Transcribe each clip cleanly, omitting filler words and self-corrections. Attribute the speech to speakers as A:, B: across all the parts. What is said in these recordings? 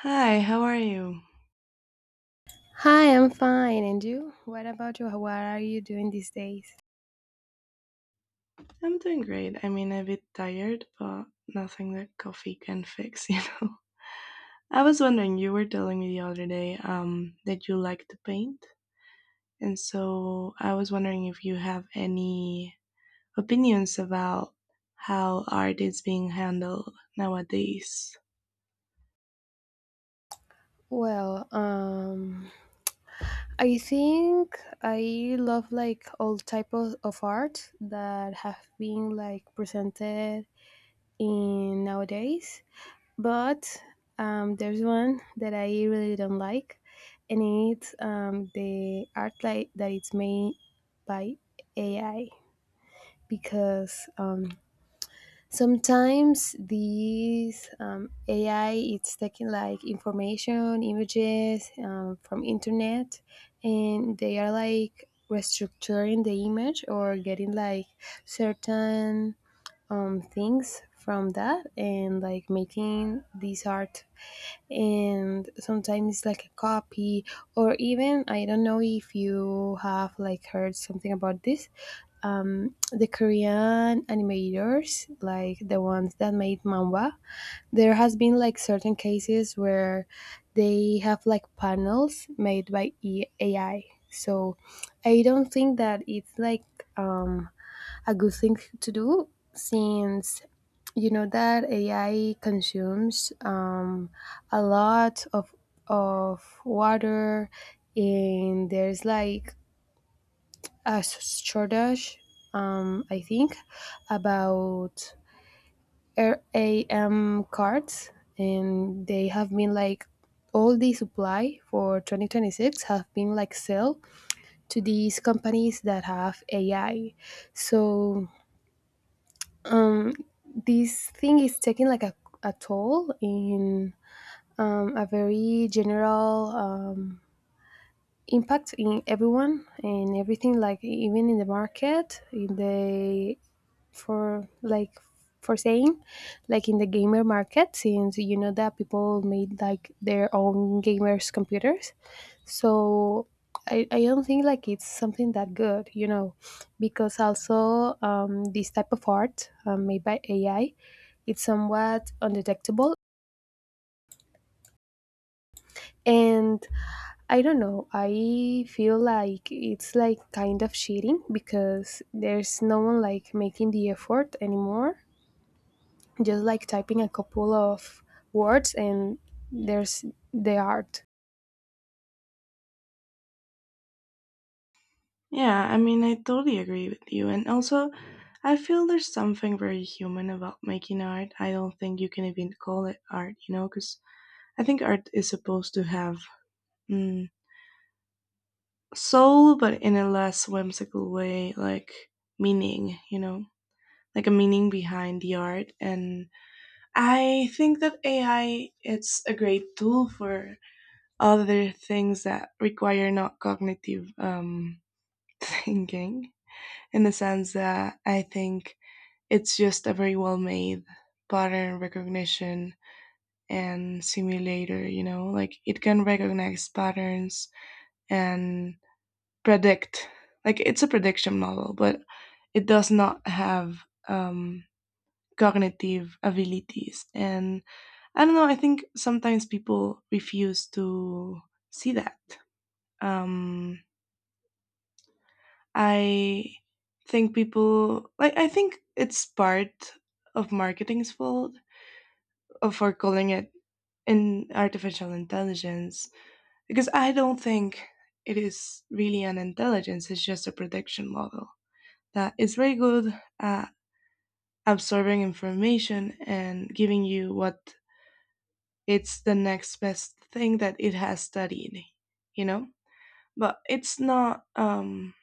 A: Hi, how are you?
B: Hi, I'm fine. And you? What about you? What are you doing these days?
A: I'm doing great. I mean, a bit tired, but nothing that coffee can fix, you know. I was wondering, you were telling me the other day that you like to paint, and so I was wondering if you have any opinions about how art is being handled nowadays.
B: Well, um, I think I love like all type of art that have been like presented in nowadays. But there's one that I really don't like, and it's the art like that it's made by AI because sometimes these ai it's taking like information images from internet and they are like restructuring the image or getting like certain things from that and like making this art, and sometimes it's like a copy or even I don't know if you have like heard something about this, the Korean animators, like the ones that made manga, there has been like certain cases where they have like panels made by AI. So I don't think that it's like um, a good thing to do since you know that AI consumes a lot of water, and there's like a shortage, I think, about RAM cards, and they have been like all the supply for 2026 have been like sell to these companies that have AI. So um, this thing is taking like a toll in a very general impact in everyone and everything, like even in the market, in the, for like, for saying, like in the gamer market, since you know that people made like their own gamers computers. So I don't think like it's something that good, you know, because also this type of art made by ai, it's somewhat undetectable. And I don't know, I feel like it's like kind of cheating because there's no one like making the effort anymore, just like typing a couple of words and there's the art.
A: Yeah, I mean, I totally agree with you, and also, I feel there's something very human about making art. I don't think you can even call it art, you know, because I think art is supposed to have mm, soul, but in a less whimsical way, like meaning, you know, like a meaning behind the art. And I think that AI it's a great tool for other things that require not cognitive thinking, in the sense that I think it's just a very well made pattern recognition and simulator, you know, like it can recognize patterns and predict, like it's a prediction model, but it does not have um, cognitive abilities. And I don't know, I think sometimes people refuse to see that. Um, i think people like, I think it's part of marketing's fault, for calling it in artificial intelligence, because I don't think it is really an intelligence. It's just a prediction model that is very good at absorbing information and giving you what it's the next best thing that it has studied, you know? But it's not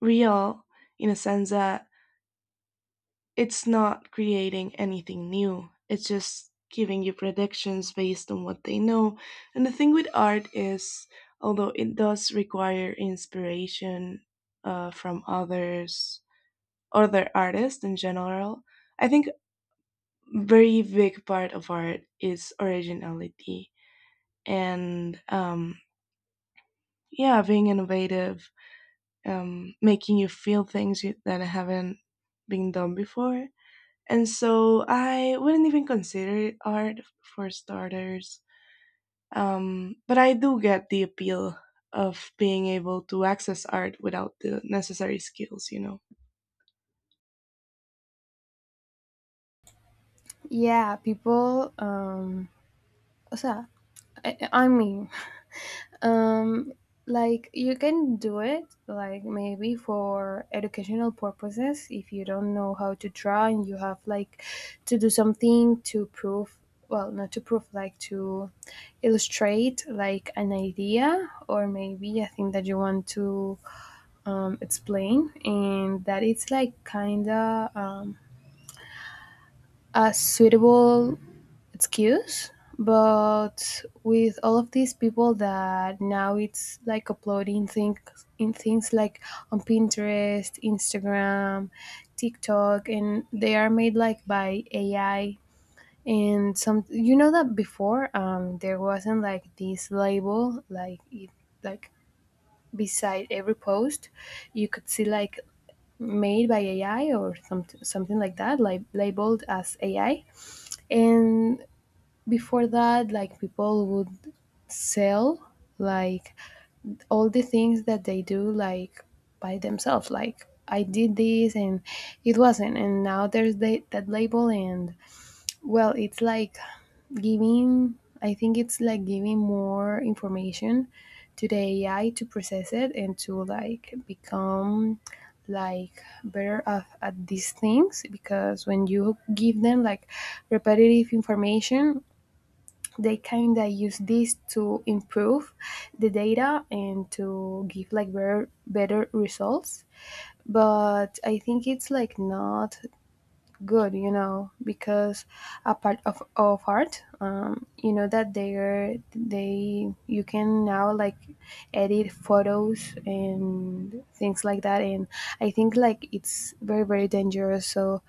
A: real, in a sense that it's not creating anything new. It's just giving you predictions based on what they know. And the thing with art is, although it does require inspiration from others, other artists in general, I think very big part of art is originality and yeah, being innovative, making you feel things you, that haven't been done before, and so I wouldn't even consider it art for starters. But I do get the appeal of being able to access art without the necessary skills, you know.
B: Yeah, people So, I mean, um, like you can do it, like maybe for educational purposes. If you don't know how to draw and you have like to do something to prove, well, not to prove, like to illustrate like an idea or maybe a thing that you want to explain, and that it's like kind of a suitable excuse. But with all of these people that now it's like uploading things in things like on pinterest, instagram, tiktok, and they are made like by ai, and some, you know that before there wasn't like this label like it, like beside every post you could see like made by ai or something something like that, like labeled as ai. And before that like people would sell like all the things that they do like by themselves, like I did this, and it wasn't. And now there's that label, and well it's like giving, I think it's like giving more information to the ai to process it and to like become like better at these things, because when you give them like repetitive information they kind of use this to improve the data and to give like better better results. But I think it's like not good, you know, because a part of art, you know that they you can now like edit photos and things like that, and I think like it's very very dangerous. So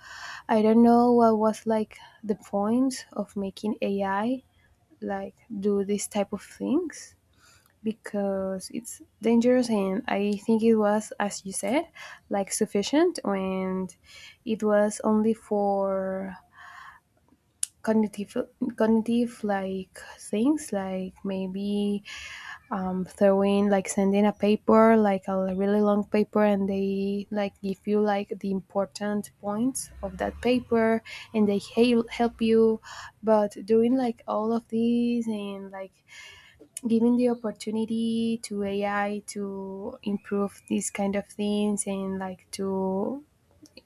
B: I don't know what was like the point of making ai like do this type of things, because it's dangerous, and I think it was, as you said, like sufficient, and it was only for cognitive cognitive like things, like maybe throwing, like sending a paper, like a really long paper, and they like give you like the important points of that paper and they help you. But doing like all of these and like giving the opportunity to AI to improve these kind of things and like to,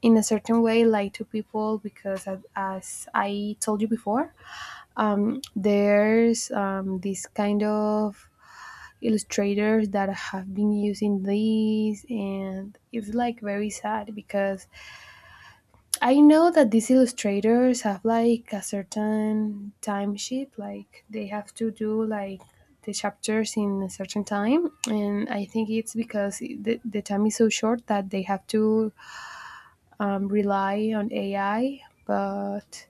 B: in a certain way, like to people, because as I told you before, there's this kind of illustrators that have been using these, and it's like very sad, because I know that these illustrators have like a certain timesheet, like they have to do like the chapters in a certain time, and I think it's because the time is so short that they have to rely on AI. But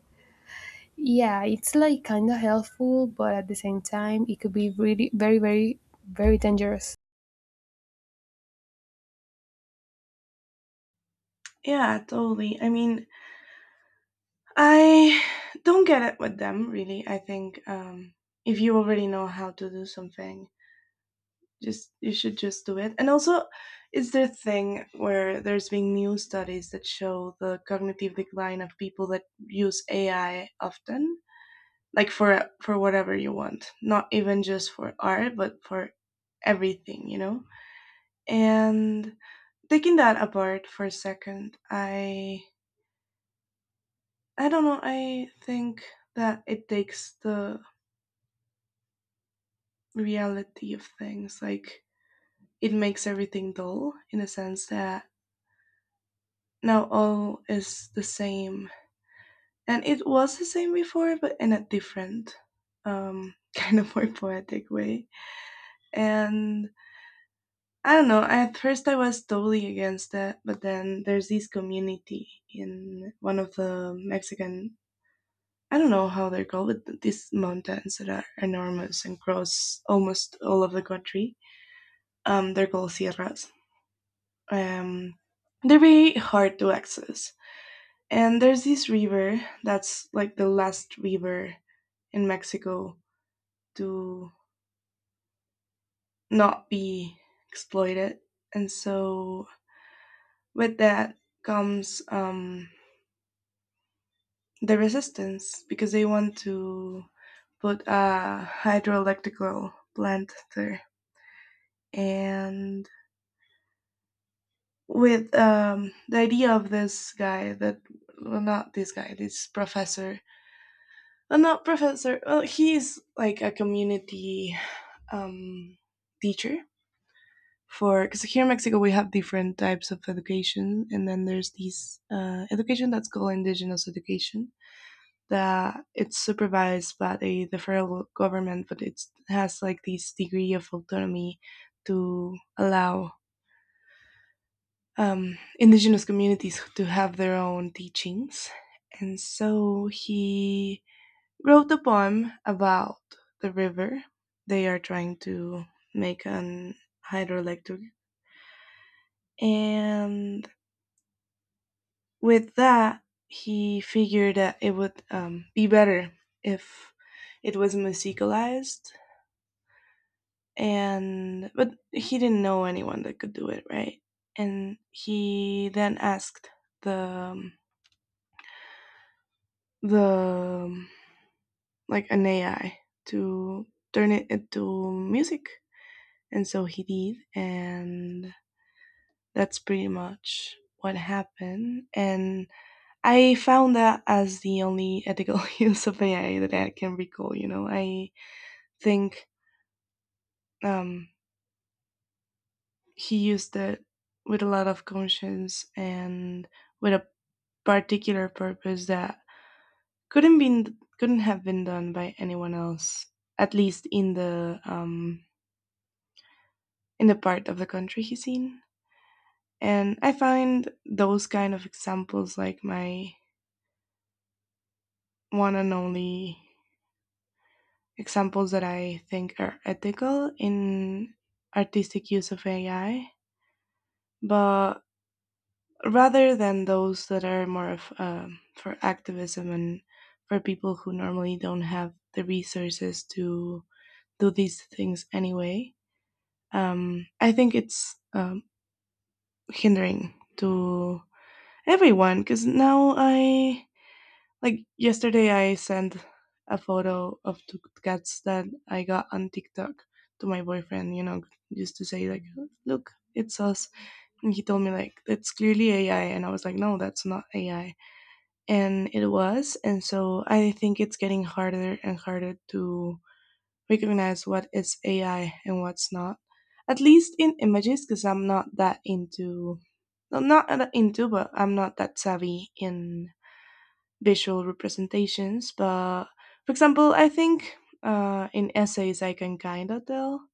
B: yeah, it's like kind of helpful, but at the same time, it could be really very, very, very dangerous.
A: Yeah, totally. I mean, I don't get it with them, really. I think if you already know how to do something, just you should just do it. And also, is there a thing where there's been new studies that show the cognitive decline of people that use AI often, like for whatever you want, not even just for art but for everything, you know. And taking that apart for a second, I don't know, I think that it takes the reality of things, like it makes everything dull in a sense that now all is the same. And it was the same before, but in a different, kind of more poetic way. And I don't know, at first I was totally against that, but then there's this community in one of the Mexican, I don't know how they're called, but these mountains that are enormous and cross almost all of the country. They're called sierras. Um, they're very hard to access. And there's this river that's like the last river in Mexico to not be exploited. And so with that comes the resistance, because they want to put a hydroelectrical plant there. And with the idea of this guy that, well, not this guy, this professor. Well, not professor. Well, he's like a community um, teacher for, because here in Mexico we have different types of education, and then there's this education that's called indigenous education that it's supervised by the federal government, but it has like this degree of autonomy to allow indigenous communities to have their own teachings. And so he wrote a poem about the river they are trying to make an hydroelectric. And with that, he figured that it would be better if it was musicalized, and but he didn't know anyone that could do it, right? And he then asked the the um, like an AI to turn it into music, and so he did, and that's pretty much what happened. And I found that as the only ethical use of AI that I can recall. You know, I think um, he used it with a lot of conscience and with a particular purpose that couldn't have been done by anyone else, at least in the part of the country he's in. And I find those kind of examples like my one and only examples that I think are ethical in artistic use of AI, but rather than those that are more of for activism and for people who normally don't have the resources to do these things anyway. I think it's hindering to everyone, because now I, like yesterday, I sent a photo of two cats that I got on TikTok to my boyfriend. You know, just to say like, look, it's us. And he told me like, that's clearly AI, and I was like, no, that's not AI. And it was, and so I think it's getting harder and harder to recognize what is AI and what's not. At least in images, because I'm not that into, no, not that into, but I'm not that savvy in visual representations. But for example, I think in essays I can kind of tell.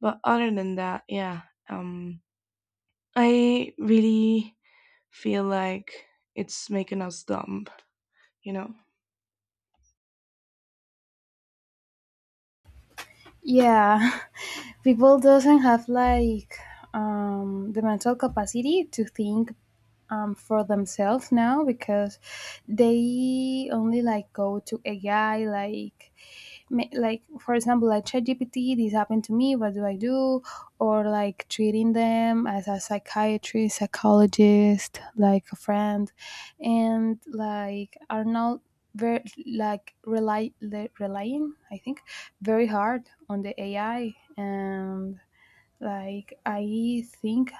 A: But other than that, yeah, um, I really feel like it's making us dumb, you know?
B: Yeah, people doesn't have like the mental capacity to think for themselves now, because they only like go to ai like like for example like ChatGPT, this happened to me. What do I do? Or like treating them as a psychiatrist, psychologist, like a friend, and like are not very like relying, I think, very hard on the AI. And like I think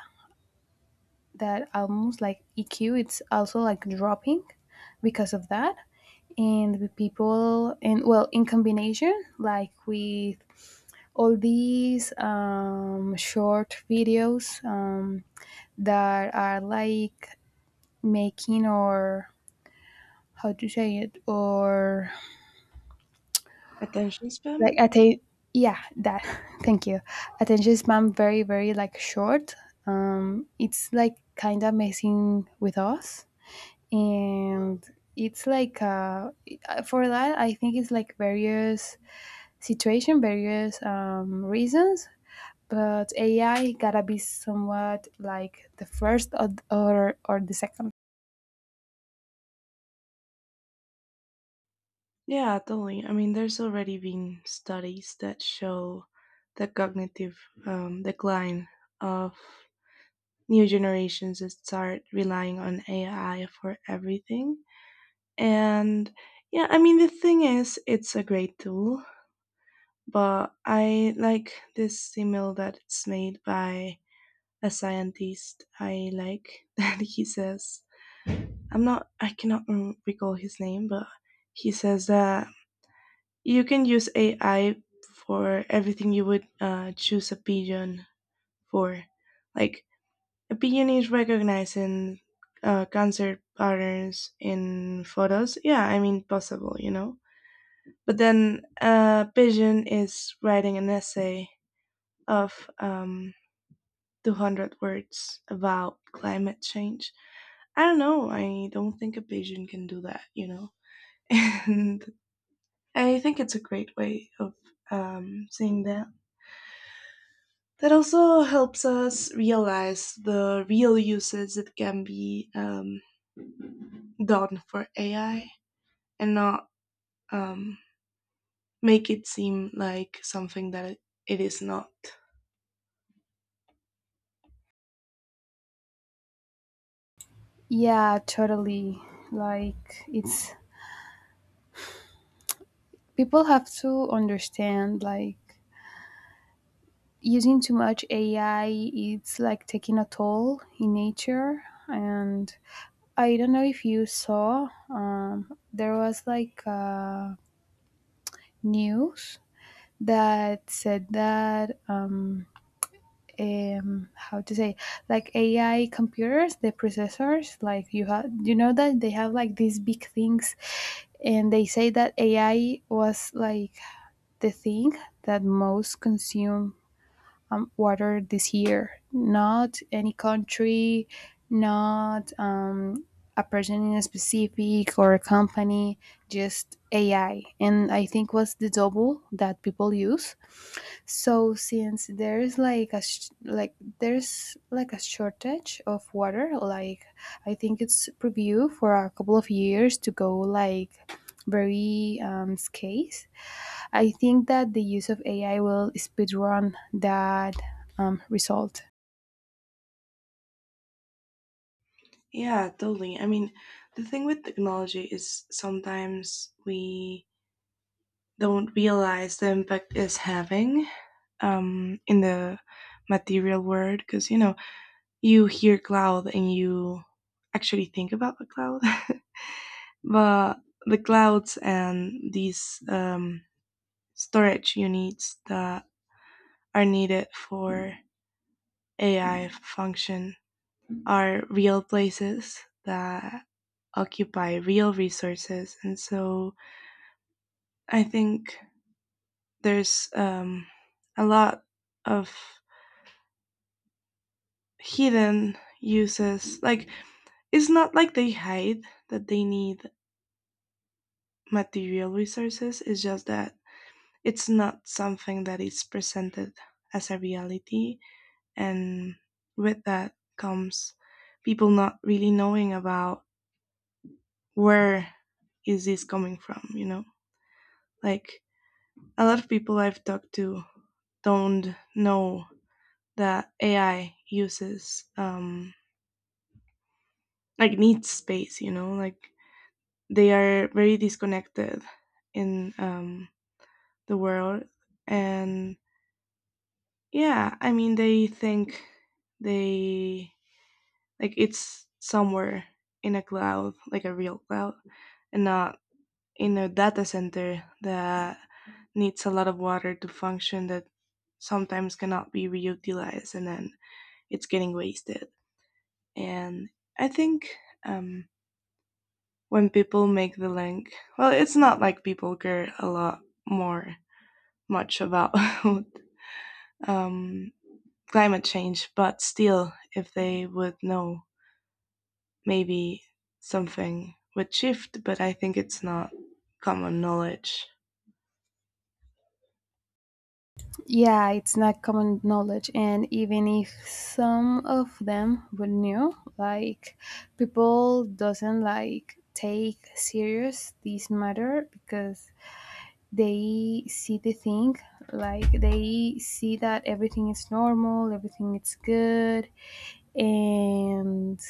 B: that almost like EQ, it's also like dropping because of that and the people. And well, in combination like with all these short videos that are like making, or how to say it, or
A: Attention spam?
B: like yeah, that, thank you, attention spam. Very very like short, it's like kind of messing with us. And it's like for that I think it's like various situation, various reasons, but AI gotta be somewhat like the first or the second.
A: Yeah, totally. I mean, there's already been studies that show the cognitive decline of new generations that start relying on AI for everything. And yeah, I mean, the thing is, it's a great tool, but I like this email that it's made by a scientist. I like that he says, I cannot recall his name, but he says that you can use AI for everything you would choose a pigeon for. Like, a pigeon is recognizing cancer patterns in photos. Yeah, I mean, possible, you know? But then a pigeon is writing an essay of 200 words about climate change. I don't know. I don't think a pigeon can do that, you know? And I think it's a great way of seeing that. That also helps us realize the real uses that can be done for AI, and not um, make it seem like something that it is not.
B: Yeah, totally. Like it's, people have to understand like using too much AI, it's like taking a toll in nature. And I don't know if you saw, there was like news that said that how to say, like ai computers, the processors, like you have, you know that they have like these big things, and they say that ai was like the thing that most consume water this year, not any country, not a person in a specific or a company, just ai, and I think was the double that people use. So since there is like like there's like a shortage of water, like I think it's preview for a couple of years to go like very scarce. I think that the use of AI will speedrun that result.
A: Yeah, totally. I mean, the thing with technology is sometimes we don't realize the impact it's having in the material world, because, you know, you hear cloud and you actually think about the cloud. But the clouds and these storage units that are needed for AI function are real places that occupy real resources. And so I think there's a lot of hidden uses. Like, it's not like they hide that they need material resources, it's just that it's not something that is presented as a reality. And with that comes people not really knowing about where is this coming from, you know? Like, a lot of people I've talked to don't know that AI uses like needs space. You know, like they are very disconnected in the world, and yeah, I mean they think they, like it's somewhere in a cloud, like a real cloud, and not in a data center that needs a lot of water to function, that sometimes cannot be reutilized and then it's getting wasted. And I think um, when people make the link. Well, it's not like people care a lot more much about um, climate change, but still, if they would know, maybe something would shift. But I think it's not common knowledge.
B: Yeah, it's not common knowledge, and even if some of them were new, like people doesn't like take serious this matter, because they see the thing, like they see that everything is normal, everything is good. And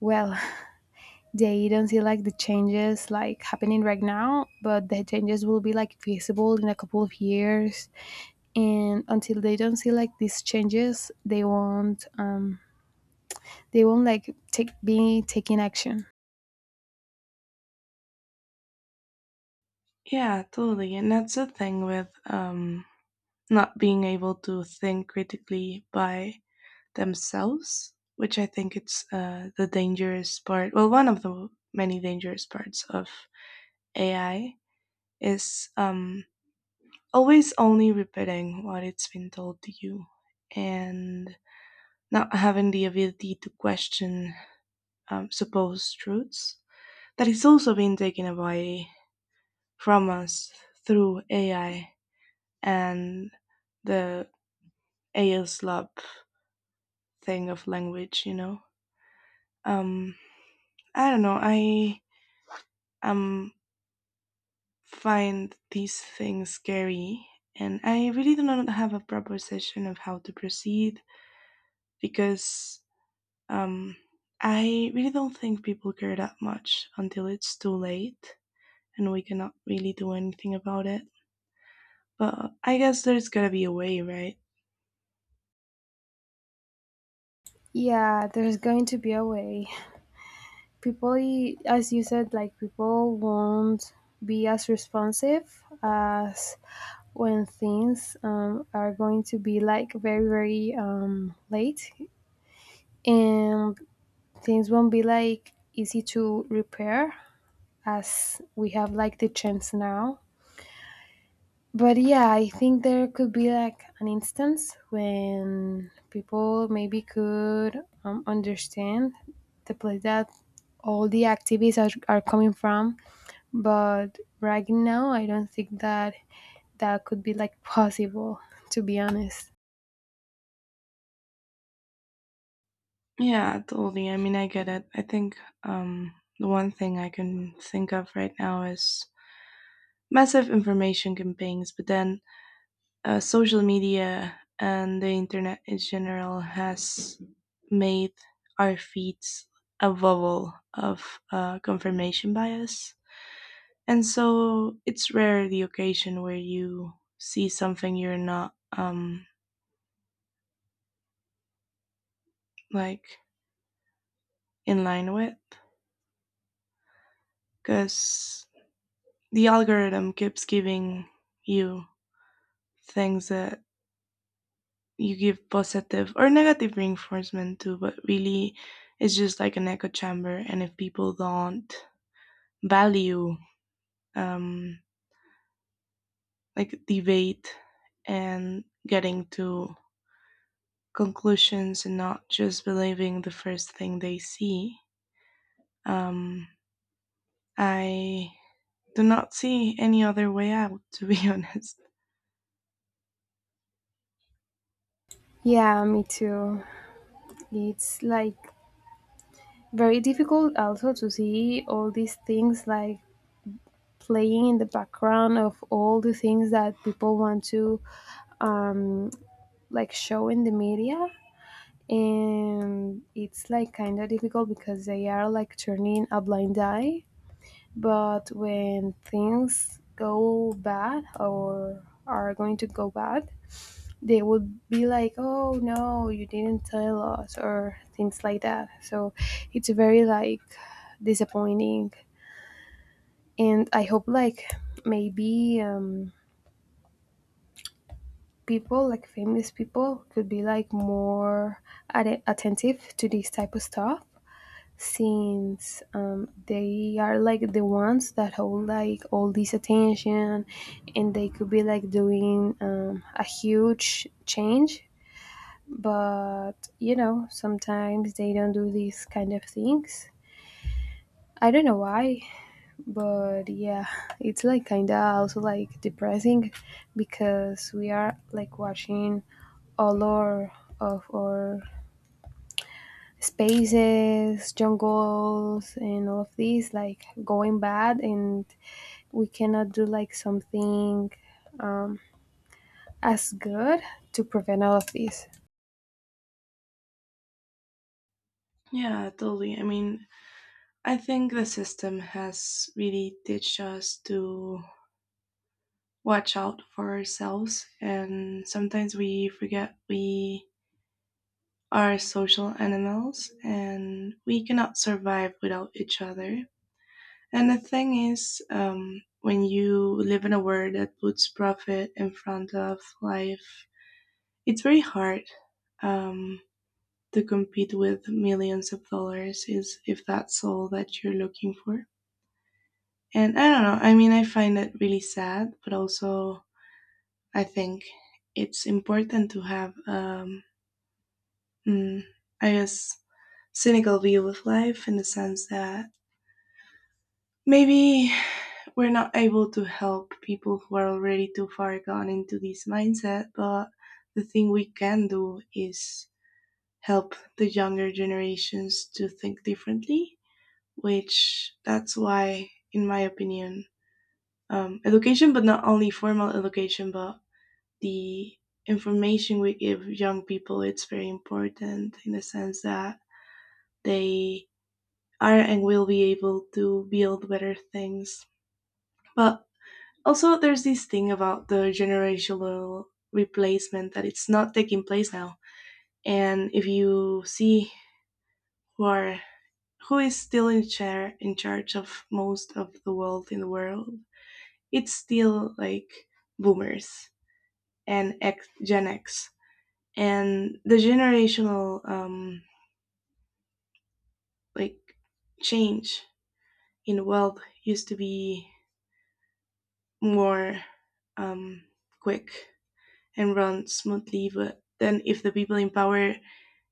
B: well, they don't see like the changes like happening right now, but the changes will be like visible in a couple of years. And until they don't see like these changes, they won't like take, be taking action.
A: Yeah, totally. And that's the thing with not being able to think critically by themselves, which I think it's the dangerous part. Well, one of the many dangerous parts of AI is always only repeating what it's been told to you, and not having the ability to question supposed truths that is also being taken away from us through AI and the ASLab thing of language, you know. Um, I don't know. I um find these things scary, and I really do not have a proper session of how to proceed, because Um, I really don't think people care that much until it's too late and we cannot really do anything about it. But I guess there's gotta be a way, right?
B: Yeah, there's going to be a way. People, as you said, like people won't be as responsive as when things are going to be like very very late, and things won't be like easy to repair as we have like the chance now. But yeah, I think there could be like an instance when people maybe could understand the place that all the activities are coming from. But right now, I don't think that that could be like possible, to be honest.
A: Yeah, totally. I mean, I get it. I think the one thing I can think of right now is massive information campaigns, but then social media and the internet in general has made our feeds a bubble of confirmation bias. And so it's rare the occasion where you see something you're not like in line with, because the algorithm keeps giving you things that you give positive or negative reinforcement to, but really it's just like an echo chamber. And if people don't value um, like debate and getting to conclusions and not just believing the first thing they see, Um, I do not see any other way out, to be honest.
B: Yeah, me too. It's like very difficult also to see all these things like playing in the background of all the things that people want to um, like show in the media. And it's like kind of difficult because they are like turning a blind eye. But when things go bad or are going to go bad, they would be like, "Oh no, you didn't tell us," or things like that. So it's very like disappointing, and I hope like maybe people, like famous people, could be like more attentive to this type of stuff, since they are like the ones that hold like all this attention, and they could be like doing a huge change. But, you know, sometimes they don't do these kind of things. I don't know why, but yeah, it's like kind of also like depressing, because we are like watching all our of our spaces, jungles, and all of these like going bad, and we cannot do like something um, as good to prevent all of this.
A: Yeah, totally. I mean, I think the system has really teach us to watch out for ourselves, and sometimes we forget we are social animals and we cannot survive without each other. And the thing is, when you live in a world that puts profit in front of life, it's very hard. Um, to compete with millions of dollars is if that's all that you're looking for. And I don't know, I mean, I find it really sad, but also I think it's important to have, mm, I guess, cynical view of life in the sense that maybe we're not able to help people who are already too far gone into this mindset, but the thing we can do is help the younger generations to think differently, which that's why, in my opinion, education, but not only formal education, but the information we give young people, it's very important in the sense that they are and will be able to build better things. But also, there's this thing about the generational replacement that it's not taking place now. And if you see who are who is still in chair in charge of most of the wealth in the world, it's still like boomers and Gen X, and the generational like change in wealth used to be more um, quick and run smoothly, but then if the people in power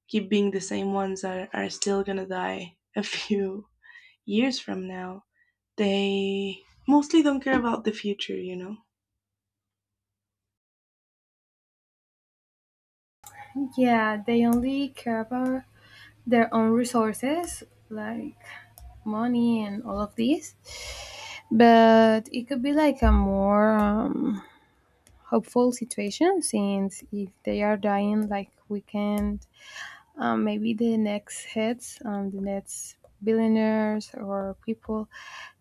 A: keep being the same ones that are still gonna die a few years from now, they mostly don't care about the future, you know?
B: Yeah, they only care about their own resources, like money and all of these, but it could be like a more hopeful situation, since if they are dying, like we can maybe the next heads, the next billionaires or people,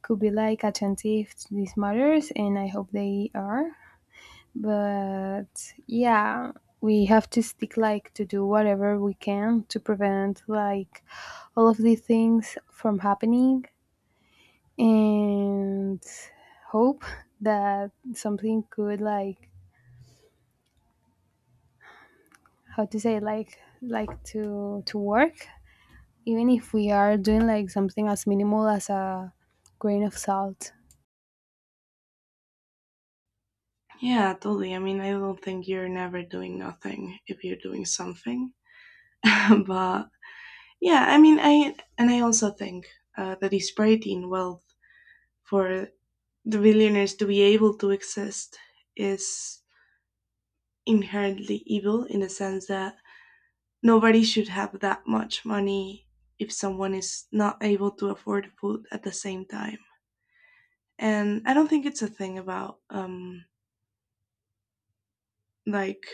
B: could be like attentive to these matters, and I hope they are. But yeah, we have to stick like to do whatever we can to prevent like all of these things from happening, and hope that something could like, how to say, like to work, even if we are doing like something as minimal as a grain of salt.
A: Yeah, totally. I mean, I don't think you're never doing nothing if you're doing something. But yeah, I mean, I also think that disparity in wealth for the billionaires to be able to exist is inherently evil in the sense that nobody should have that much money if someone is not able to afford food at the same time. And I don't think it's a thing about like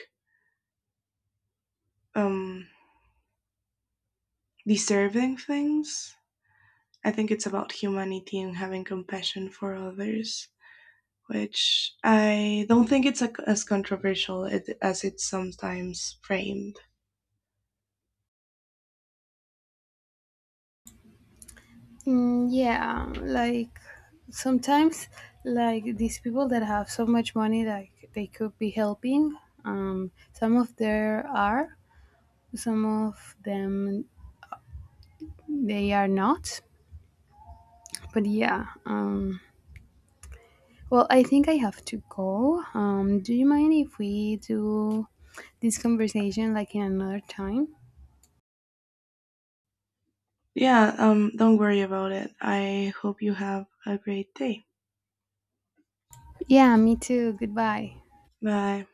A: um deserving things. I think it's about humanity and having compassion for others, which I don't think it's a, as controversial as it's sometimes framed.
B: Mm, yeah, like sometimes, like these people that have so much money, like they could be helping. Some of there are, some of them they are not. But yeah, well, I think I have to go. Do you mind if we do this conversation like in another time?
A: Yeah, don't worry about it. I hope you have a great day.
B: Yeah, me too. Goodbye.
A: Bye.